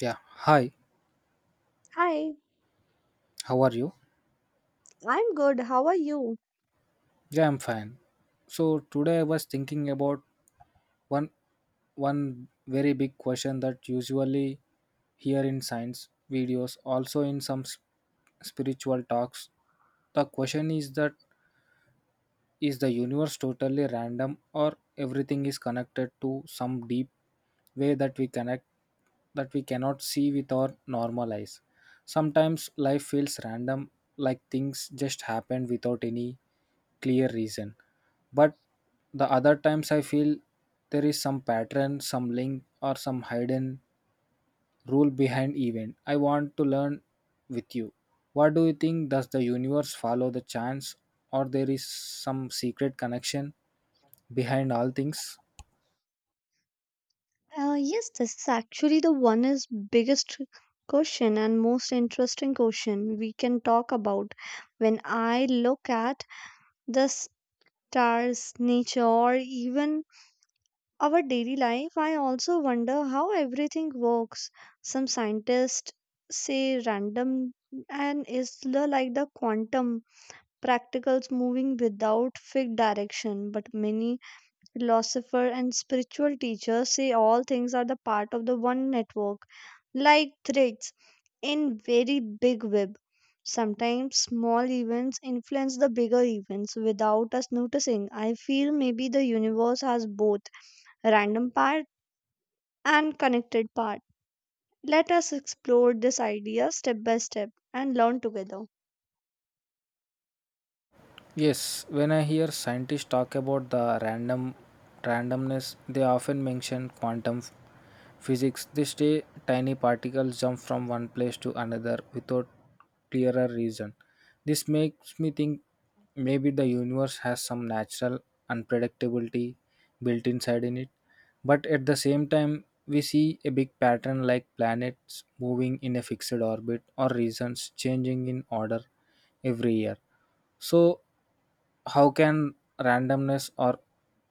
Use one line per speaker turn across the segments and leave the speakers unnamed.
Yeah, hi.
Hi,
How are you?
I'm good. How are you?
Yeah, I'm fine. So today I was thinking about one one very big question that usually here in science videos, also in some spiritual talks. The question is that is the universe totally random, or everything is connected to some deep way that we connect, that we cannot see with our normal eyes? Sometimes life feels random, like things just happen without any clear reason. But the other times I feel there is some pattern, some link, or some hidden rule behind event. I want to learn with you, what do you think? Does the universe follow the chance, or there is some secret connection behind all things?
Yes, this is actually the one is biggest question and most interesting question we can talk about. When I look at the stars, nature, or even our daily life, I also wonder how everything works. Some scientists say random and like the quantum practicals moving without fixed direction, but many philosopher, and spiritual teacher say all things are the part of the one network, like threads in very big web. Sometimes small events influence the bigger events without us noticing. I feel maybe the universe has both random part and connected part. Let us explore this idea step by step and learn together.
Yes, when I hear scientists talk about the randomness, they often mention quantum physics. This day, tiny particles jump from one place to another without clearer reason. This makes me think maybe the universe has some natural unpredictability built inside in it. But at the same time, we see a big pattern, like planets moving in a fixed orbit or regions changing in order every year. So how can randomness or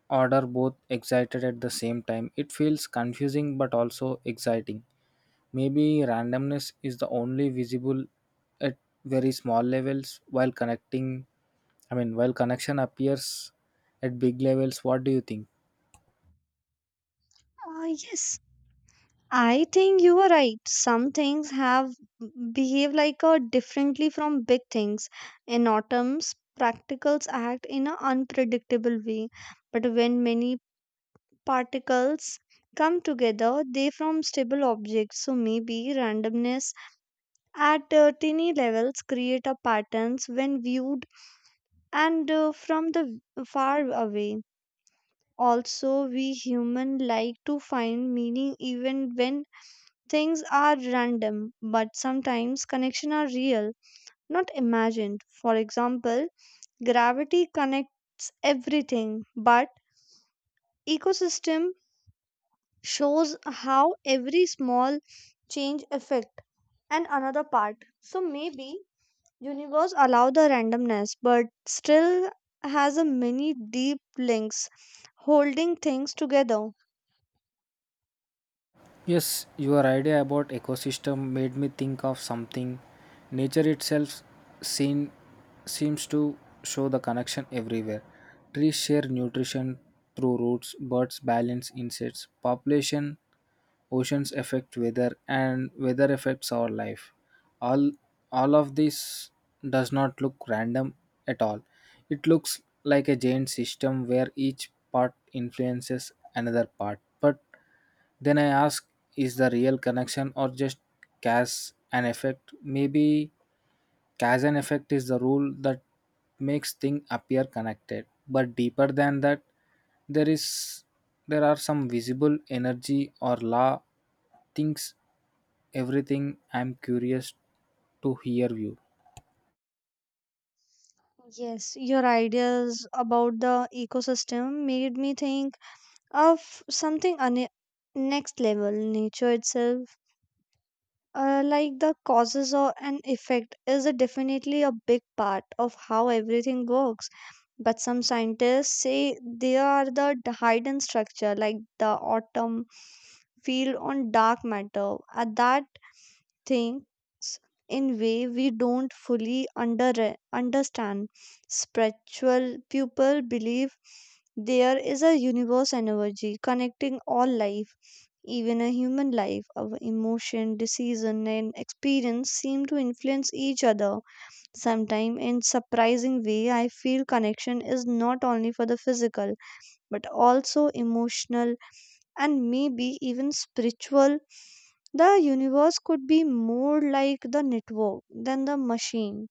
order both excited at the same time? It feels confusing, but also exciting. Maybe randomness is the only visible at very small levels, while connecting I mean while connection appears at big levels. What do you think?
Ah yes, I think you are right. Some things have behave like a differently from big things. In atoms, particles act in an unpredictable way, but when many particles come together, they form stable objects. So maybe randomness at tiny levels create a patterns when viewed and from the far away. Also, we human like to find meaning even when things are random, but sometimes connections are real, not imagined. For example, gravity connects everything, but ecosystem shows how every small change affect and another part. So maybe universe allow the randomness, but still has a many deep links holding things together.
Yes, your idea about ecosystem made me think of something. Nature itself seen, seems to show the connection everywhere. Trees share nutrition through roots, birds balance insects, population, oceans affect weather, and weather affects our life. All all of this does not look random at all. It looks like a giant system where each part influences another part. But then I ask, is the real connection, or just cause and effect? Maybe Kazan effect is the rule that makes things appear connected, but deeper than that, there is there are some visible energy or law things, everything. I'm curious to hear you.
Yes, your ideas about the ecosystem made me think of something on a next level nature itself, like the causes or an effect is a definitely a big part of how everything works, but some scientists say they are the hidden structure like the autumn field on dark matter, that things in way we don't fully understand. Spiritual people believe there is a universe energy connecting all life, even a human life. Our emotion, decision, and experience seem to influence each other. Sometimes, in surprising way, I feel connection is not only for the physical but also emotional and maybe even spiritual. The universe could be more like the network than the machine,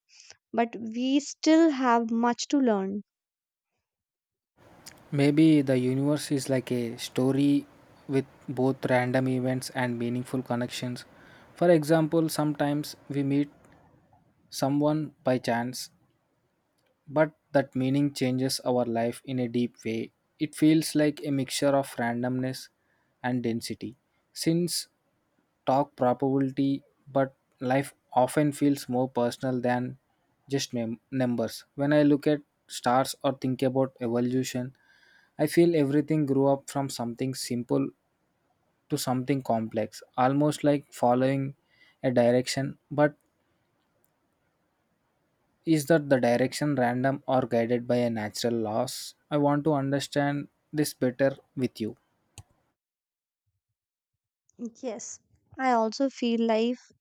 but we still have much to learn.
Maybe the universe is like a story with both random events and meaningful connections. For example, sometimes we meet someone by chance, but that meaning changes our life in a deep way. It feels like a mixture of randomness and density. Since talk probability, but life often feels more personal than just numbers. When I look at stars or think about evolution, I feel everything grew up from something simple to something complex, almost like following a direction, but is that the direction random or guided by a natural loss? I want to understand this better with you.
Yes, I also feel life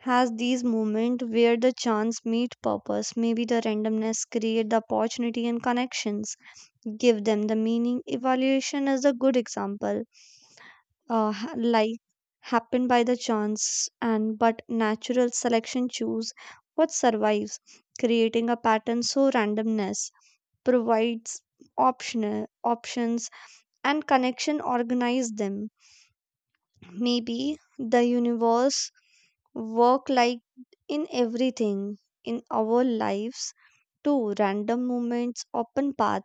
has these moments where the chance meet purpose. Maybe the randomness create the opportunity and connections, give them the meaning. Evaluation is a good example, like happen by the chance and but natural selection choose what survives, creating a pattern. So randomness provides optional options and connection organize them. Maybe the universe work like in everything in our lives too. Random moments open path,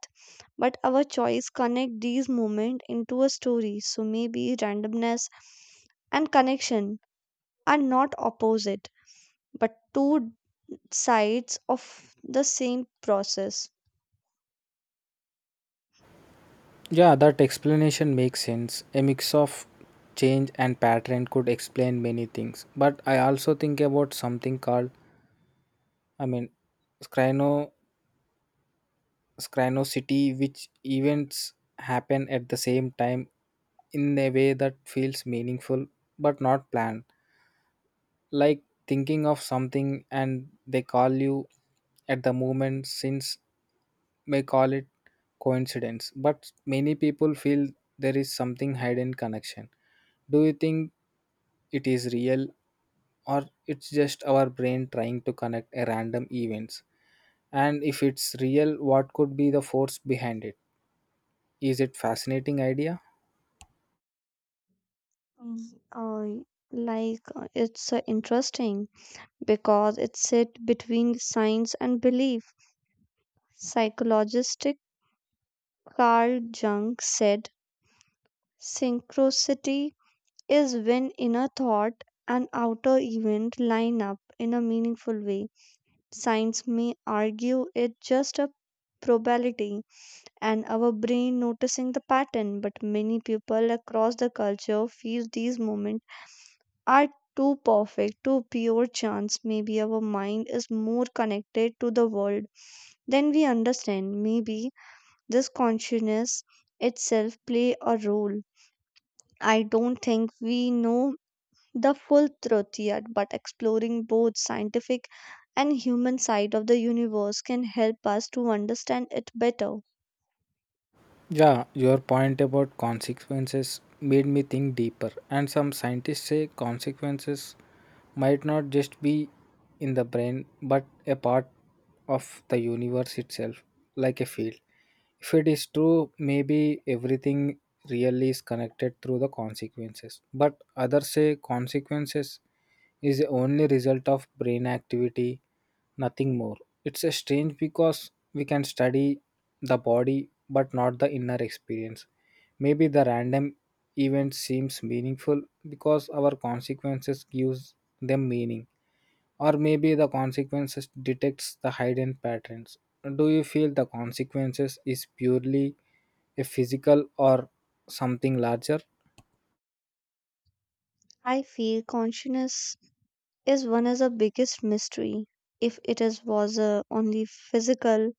but our choice connect these moments into a story. So maybe randomness and connection are not opposite but two sides of the same process.
Yeah, that explanation makes sense. A mix of change and pattern could explain many things. But I also think about something called, I mean, scryno, scrynosity, which events happen at the same time in a way that feels meaningful but not planned. Like thinking of something and they call you at the moment. Since may call it coincidence, but many people feel there is something hidden connection. Do you think it is real, or it's just our brain trying to connect a random events? And if it's real, what could be the force behind it? Is it fascinating idea?
Mm, it's interesting because it sit between science and belief. Psychologist Carl Jung said synchronicity is when inner thought and outer event line up in a meaningful way. Science may argue it's just a probability and our brain noticing the pattern, but many people across the culture feel these moments are too perfect, too pure chance. Maybe our mind is more connected to the world than we understand. Maybe this consciousness itself play a role. I don't think we know the full truth yet, but exploring both scientific and human side of the universe can help us to understand it better.
Yeah, your point about consequences made me think deeper. And some scientists say consequences might not just be in the brain, but a part of the universe itself, like a field. If it is true, maybe everything really is connected through the consequences. But others say consequences is the only result of brain activity, nothing more. It's a strange, because we can study the body but not the inner experience. Maybe the random event seems meaningful because our consequences gives them meaning. Or maybe the consequences detects the hidden patterns. Do you feel the consequences is purely a physical, or something larger?
I feel consciousness is one of the biggest mystery. If it is was only physical,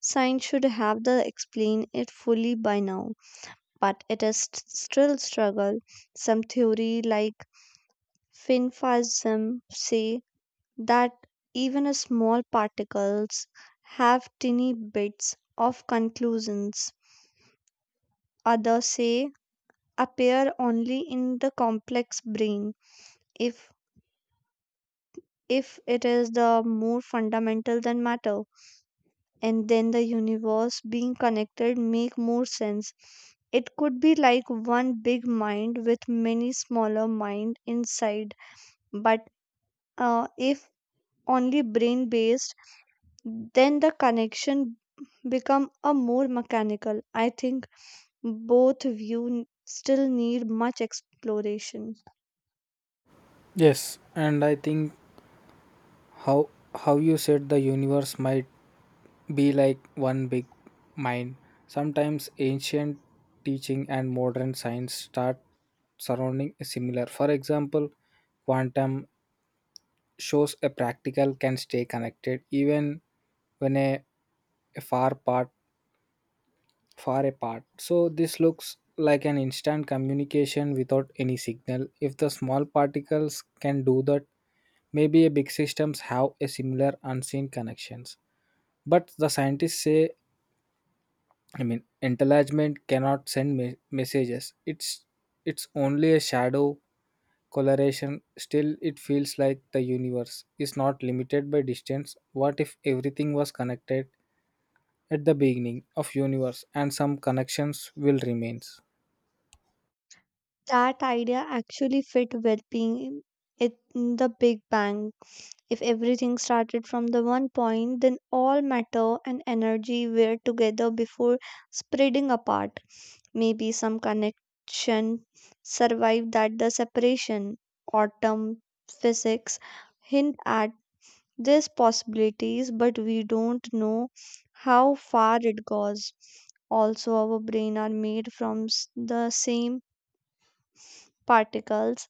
science should have the explain it fully by now. But it is still struggle. Some theory like finfasm say that even a small particles have tiny bits of conclusions. Others say appear only in the complex brain. if if it is the more fundamental than matter, and then the universe being connected make more sense. It could be like one big mind with many smaller mind inside. But if only brain based, then the connection become a more mechanical. I think both view still need much exploration.
Yes, and I think how how you said the universe might be like one big mind. Sometimes ancient teaching and modern science start surrounding similar. For example, quantum shows a practical can stay connected even when a far part far apart. So this looks like an instant communication without any signal. If the small particles can do that, maybe a big systems have a similar unseen connections. But the scientists say, enlargement cannot send messages. It's only a shadow coloration. Still, it feels like the universe is not limited by distance. What if everything was connected at the beginning of universe, and some connections will remain?
That idea actually fit well-being it in the big bang. If everything started from the one point, then all matter and energy were together before spreading apart. Maybe some connection survived that the separation. Autumn physics hint at there's possibilities, but we don't know how far it goes. Also, our brain are made from the same particles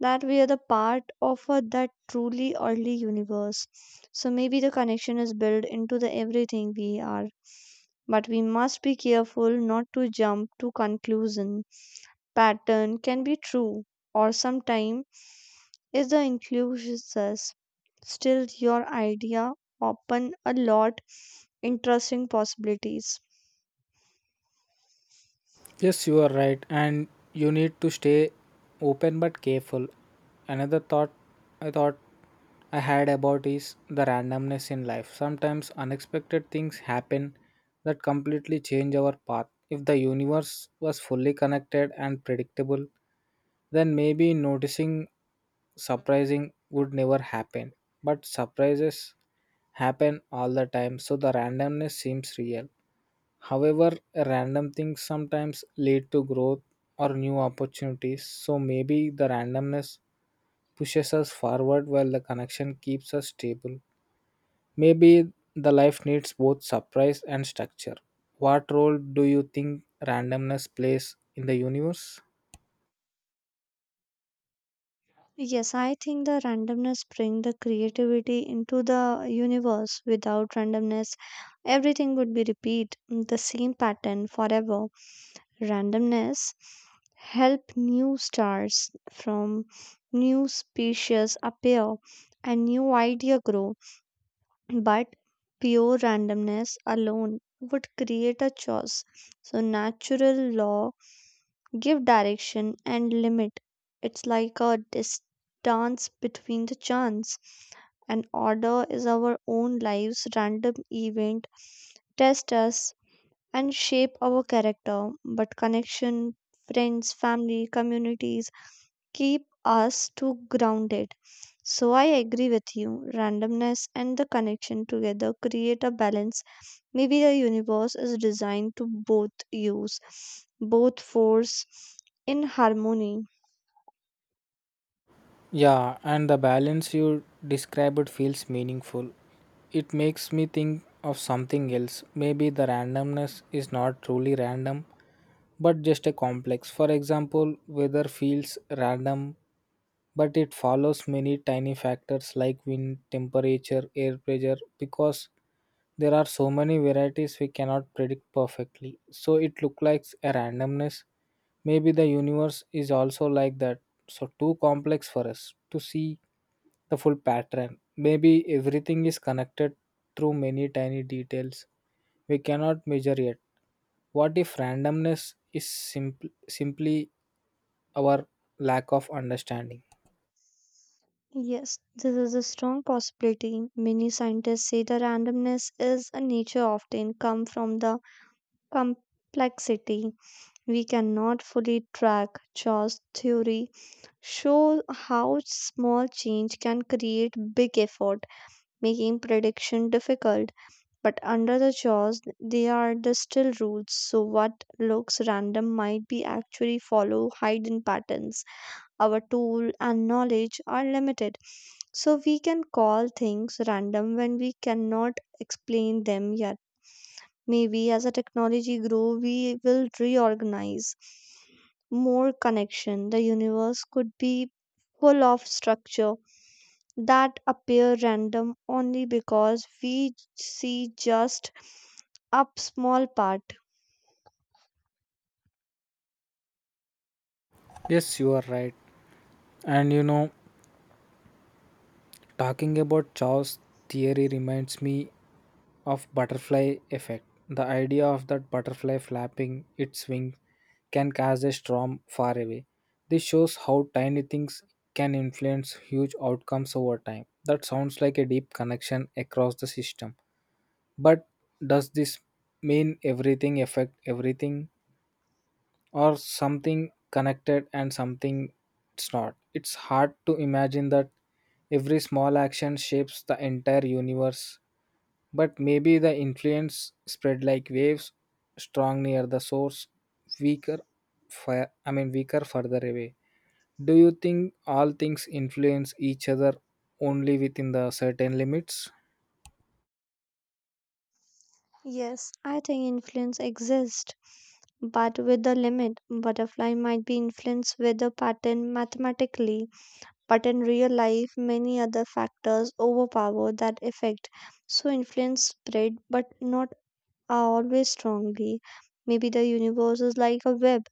that we are the part of a, that truly early universe. So maybe the connection is built into the everything we are. But we must be careful not to jump to conclusion. Pattern can be true or sometime is the inclusion. Still your idea open a lot interesting possibilities.
Yes, you are right, and you need to stay open but careful. Another thought I had about is the randomness in life. Sometimes unexpected things happen that completely change our path. If the universe was fully connected and predictable, then maybe noticing surprising would never happen. But surprises happen all the time, so the randomness seems real. However, random things sometimes lead to growth or new opportunities. So maybe the randomness pushes us forward while the connection keeps us stable. Maybe the life needs both surprise and structure. What role do you think randomness plays in the universe?
Yes, I think the randomness bring the creativity into the universe. Without randomness, everything would be repeat the same pattern forever. Randomness help new stars from new species appear and new idea grow. But pure randomness alone would create a choice. So natural law give direction and limit. It's like a distance between the chance. And order is our own lives, random event, test us and shape our character. But connection, friends, family, communities, keep us too grounded. So I agree with you. Randomness and the connection together create a balance. Maybe the universe is designed to both use, both force in harmony.
Yeah, and the balance you described feels meaningful. It makes me think of something else. Maybe the randomness is not truly random, but just a complex. For example, weather feels random, but it follows many tiny factors like wind, temperature, air pressure, because there are so many varieties we cannot predict perfectly. So it looks like a randomness. Maybe the universe is also like that. So too complex for us to see the full pattern. Maybe everything is connected through many tiny details we cannot measure yet. What if randomness is simply our lack of understanding?
Yes, this is a strong possibility. Many scientists say the randomness is a nature often come from the complexity we cannot fully track. Chaos theory shows how small change can create big effort, making prediction difficult. But under the chaos, they are the still rules, so what looks random might be actually follow hidden patterns. Our tool and knowledge are limited, so we can call things random when we cannot explain them yet. Maybe as a technology grow, we will reorganize more connection. The universe could be full of structure that appear random only because we see just a small part.
Yes, you are right. And you know, talking about Chow's theory reminds me of butterfly effect. The idea of that butterfly flapping its wings can cause a storm far away. This shows how tiny things can influence huge outcomes over time. That sounds like a deep connection across the system. But does this mean everything affect everything, or something connected and something it's not? It's hard to imagine that every small action shapes the entire universe, but maybe the influence spread like waves, strong near the source, weaker far, I mean weaker further away. Do you think all things influence each other only within the certain limits?
Yes, I think influence exists, but with a limit. Butterfly might be influenced with a pattern mathematically, but in real life, many other factors overpower that effect. So influence spread, but not are always strongly. Maybe the universe is like a web.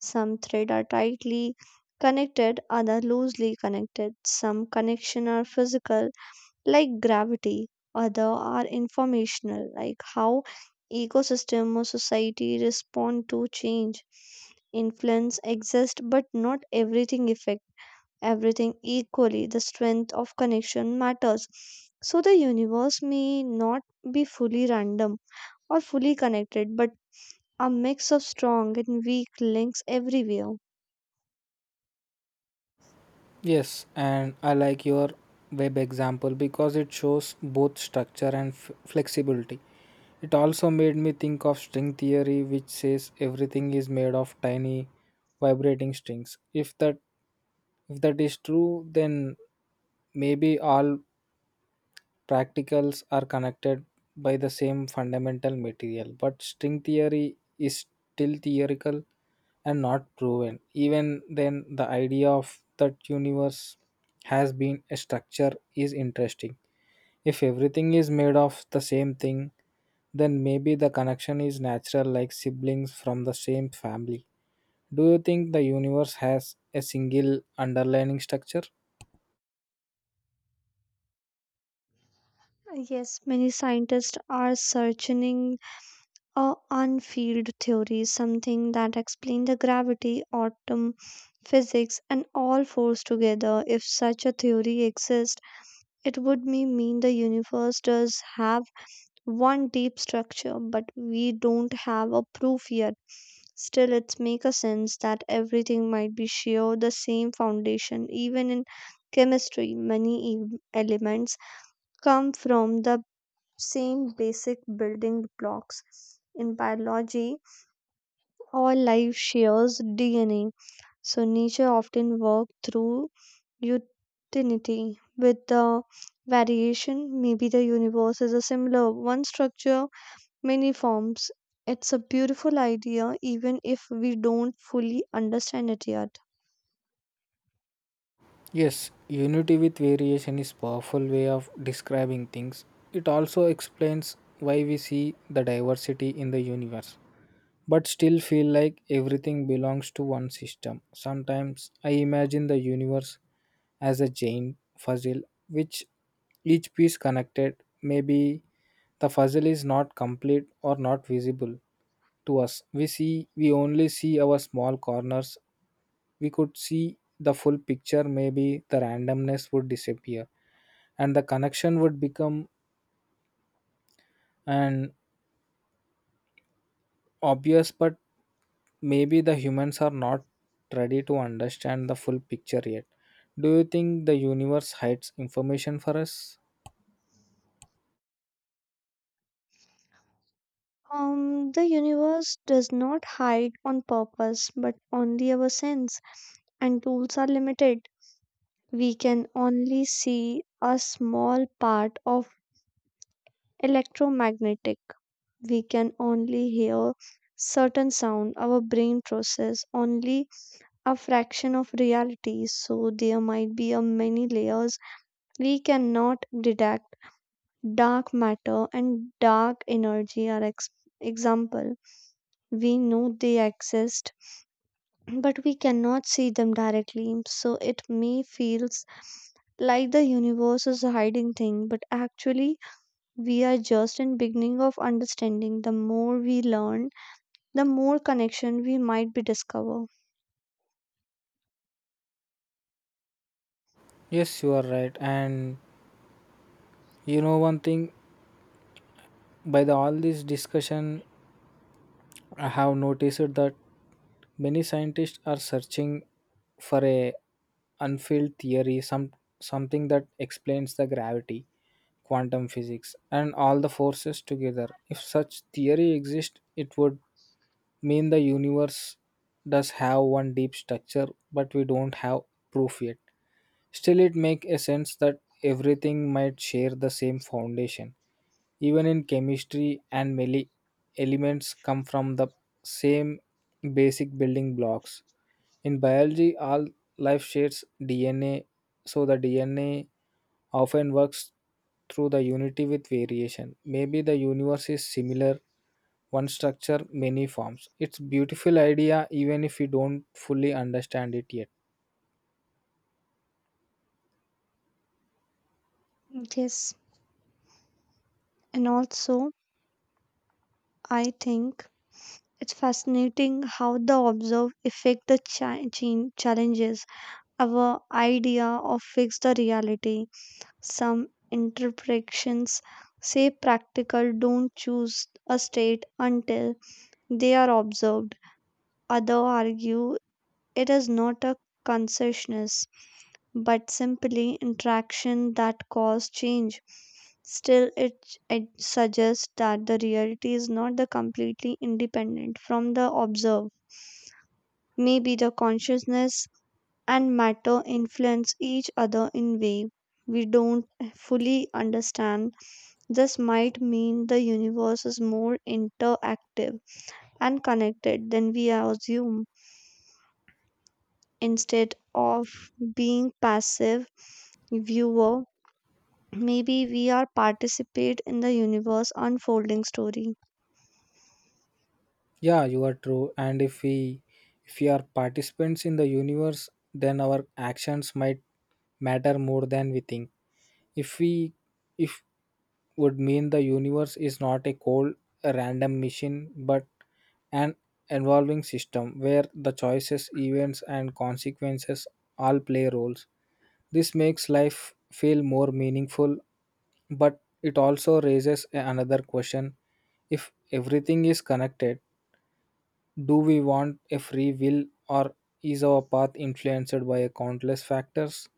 Some threads are tightly connected, other loosely connected. Some connections are physical, like gravity, other are informational, like how ecosystem or society respond to change. Influence exists, but not everything affects everything equally. The strength of connection matters. So the universe may not be fully random or fully connected, but a mix of strong and weak links everywhere.
Yes, and I like your web example because it shows both structure and flexibility. It also made me think of string theory, which says everything is made of tiny vibrating strings. If that is true, then maybe all practicals are connected by the same fundamental material. But string theory is still theoretical and not proven. Even then, the idea of that universe has been a structure is interesting. If everything is made of the same thing, then maybe the connection is natural, like siblings from the same family. Do you think the universe has a single underlying structure?
Yes, many scientists are searching a unfield theory, something that explains the gravity, atom physics, and all force together. If such a theory exists, it would mean the universe does have one deep structure, but we don't have a proof yet. Still, it makes a sense that everything might be share the same foundation. Even in chemistry, many elements come from the same basic building blocks. In biology, all life shares DNA, so nature often works through utility with the variation. Maybe the universe is a similar one structure many forms. It's a beautiful idea, even if we don't fully understand it yet.
Yes, unity with variation is powerful way of describing things. It also explains why we see the diversity in the universe, but still feel like everything belongs to one system. Sometimes I imagine the universe as a chain puzzle, which each piece connected. Maybe the puzzle is not complete or not visible to us. We only see our small corners. We could see the full picture. Maybe the randomness would disappear and the connection would become an obvious. But maybe the humans are not ready to understand the full picture yet. Do you think the universe hides information for us?
The universe does not hide on purpose, but only our sense and tools are limited. We can only see a small part of electromagnetic. We can only hear certain sound. Our brain process only a fraction of reality, so there might be a many layers we cannot detect. Dark matter and dark energy are example. We know they exist, but we cannot see them directly. So it may feels like the universe is hiding thing, but actually we are just in beginning of understanding. The more we learn, the more connection we might be discover.
Yes, you are right. And you know one thing, by the all this discussion, I have noticed that many scientists are searching for a unfilled theory, something that explains the gravity, quantum physics, and all the forces together. If such theory exists, it would mean the universe does have one deep structure, but we don't have proof yet. Still, it makes a sense that everything might share the same foundation. Even in chemistry and many elements come from the same basic building blocks. In biology, all life shares DNA, so the DNA often works through the unity with variation. Maybe the universe is similar, one structure, many forms. It's beautiful idea even if we don't fully understand it yet.
Yes, and also I think it's fascinating how the observe affect the challenges our idea of fix the reality. Some interpretations say practical don't choose a state until they are observed. Others argue it is not a consciousness but simply interaction that cause change. Still, it suggests that the reality is not the completely independent from the observed. Maybe the consciousness and matter influence each other in ways we don't fully understand. This might mean the universe is more interactive and connected than we assume. Instead of being passive viewer, maybe we are participate in the universe unfolding story.
Yeah, you are true. And if we are participants in the universe, then our actions might matter more than we think. if we if would mean the universe is not a cold a random machine, but an evolving system where the choices, events, and consequences all play roles. This makes life feel more meaningful, but it also raises another question. If everything is connected, do we want a free will, or is our path influenced by a countless factors?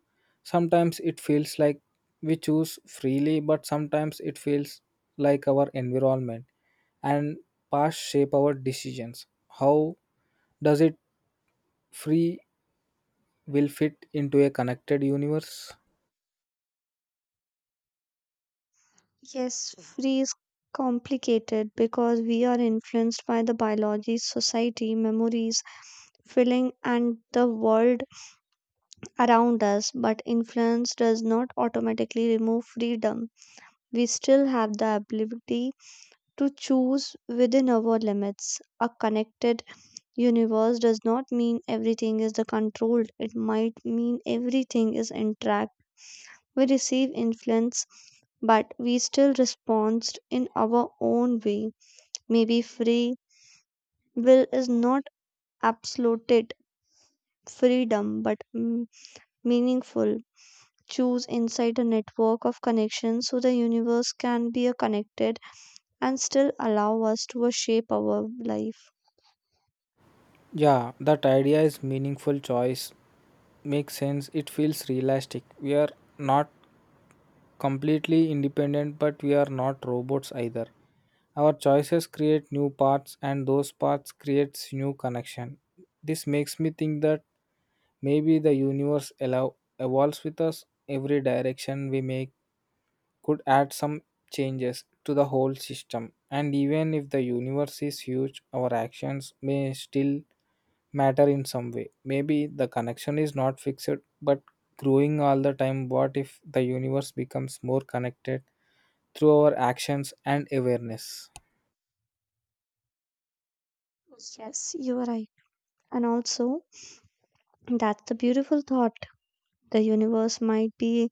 Sometimes it feels like we choose freely, but sometimes it feels like our environment and past shape our decisions. How does it free will fit into a connected universe?
Yes, free is complicated because we are influenced by the biology, society, memories, feeling and the world around us, but influence does not automatically remove freedom. We still have the ability to choose within our limits. A connected universe does not mean everything is the controlled, it might mean everything is interact. We receive influence, but we still respond in our own way. Maybe free will is not absolute freedom, but meaningful. Choose inside a network of connections so the universe can be a connected and still allow us to shape our life.
Yeah, that idea is meaningful choice. Makes sense. It feels realistic. We are not completely independent, but we are not robots either. Our choices create new paths, and those paths creates new connection. This makes me think that maybe the universe allow, evolves with us. Every direction we make could add some changes to the whole system. And even if the universe is huge, our actions may still matter in some way. Maybe the connection is not fixed, but growing all the time. What if the universe becomes more connected through our actions and awareness?
Yes, you are right. And also, that's the beautiful thought. The universe might be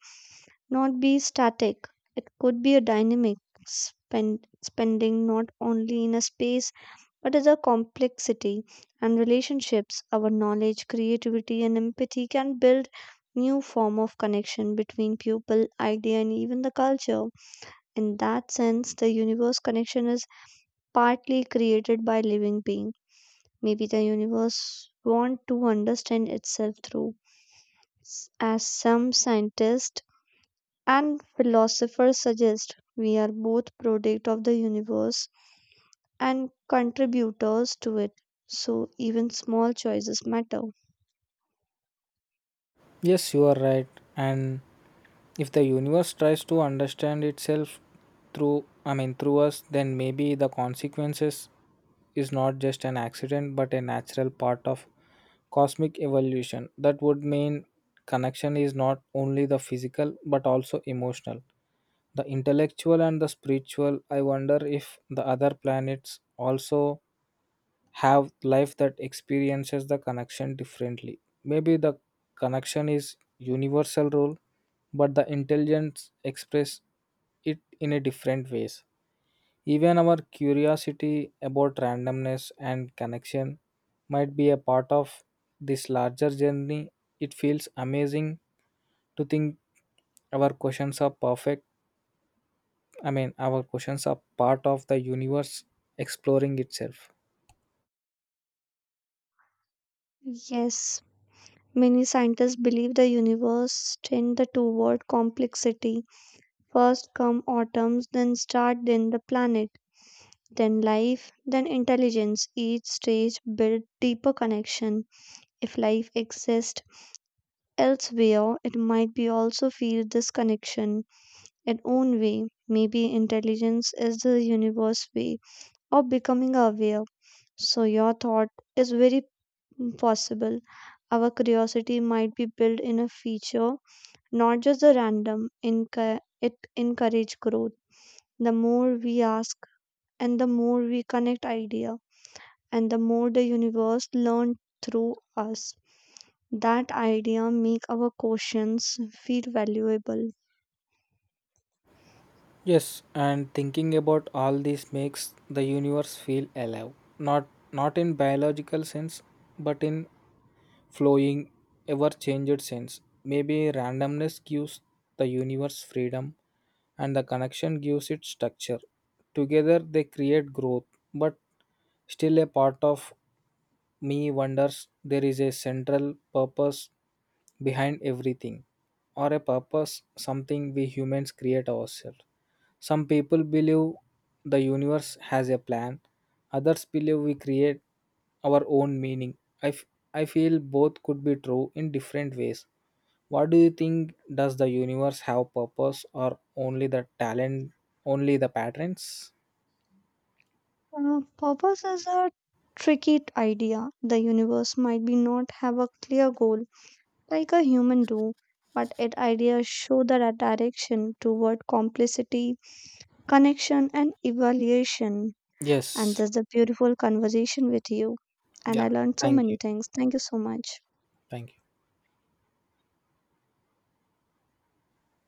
not be static. It could be a dynamic spending not only in a space but as a complexity and relationships. Our knowledge, creativity, and empathy can build new form of connection between people, idea, and even the culture. In that sense, the universe connection is partly created by living being. Maybe the universe want to understand itself through, as some scientists and philosophers suggest, we are both product of the universe and contributors to it. So even small choices matter.
Yes, you are right. And if the universe tries to understand itself through, through us, then maybe the consequences is not just an accident, but a natural part of cosmic evolution. That would mean connection is not only the physical, but also emotional, the intellectual, and the spiritual. I wonder if the other planets also have life that experiences the connection differently. Maybe the connection is universal role, but the intelligence express it in a different ways. Even our curiosity about randomness and connection might be a part of this larger journey. It feels amazing to think our questions are perfect. Our questions are part of the universe exploring itself.
Yes, many scientists believe the universe tend the toward complexity. First come atoms, then start, then the planet. Then life, then intelligence. Each stage built deeper connection. If life exists elsewhere, it might be also feel this connection in own way. Maybe intelligence is the universe way of becoming aware. So your thought is very possible. Our curiosity might be built in a feature, not just a random. It encourage growth. The more we ask and the more we connect idea and the more the universe learned through us. That idea make our questions feel valuable.
Yes, and thinking about all this makes the universe feel alive. Not Not in biological sense, but in flowing, ever-changed sense. Maybe randomness gives the universe freedom, and the connection gives it structure. Together they create growth, but still a part of me wonders there is a central purpose behind everything, or a purpose something we humans create ourselves. Some people believe the universe has a plan, others believe we create our own meaning. I, f- I feel both could be true in different ways. What do you think? Does the universe have purpose, or only the talent, only the patterns?
Purpose is a tricky idea. The universe might be not have a clear goal like a human do, but its ideas show the direction toward complicity, connection, and evaluation. And
Yes.
this is a beautiful conversation with you. And I
Yeah.
learned so
Thank
many
you.
things. Thank you so much.
Thank you.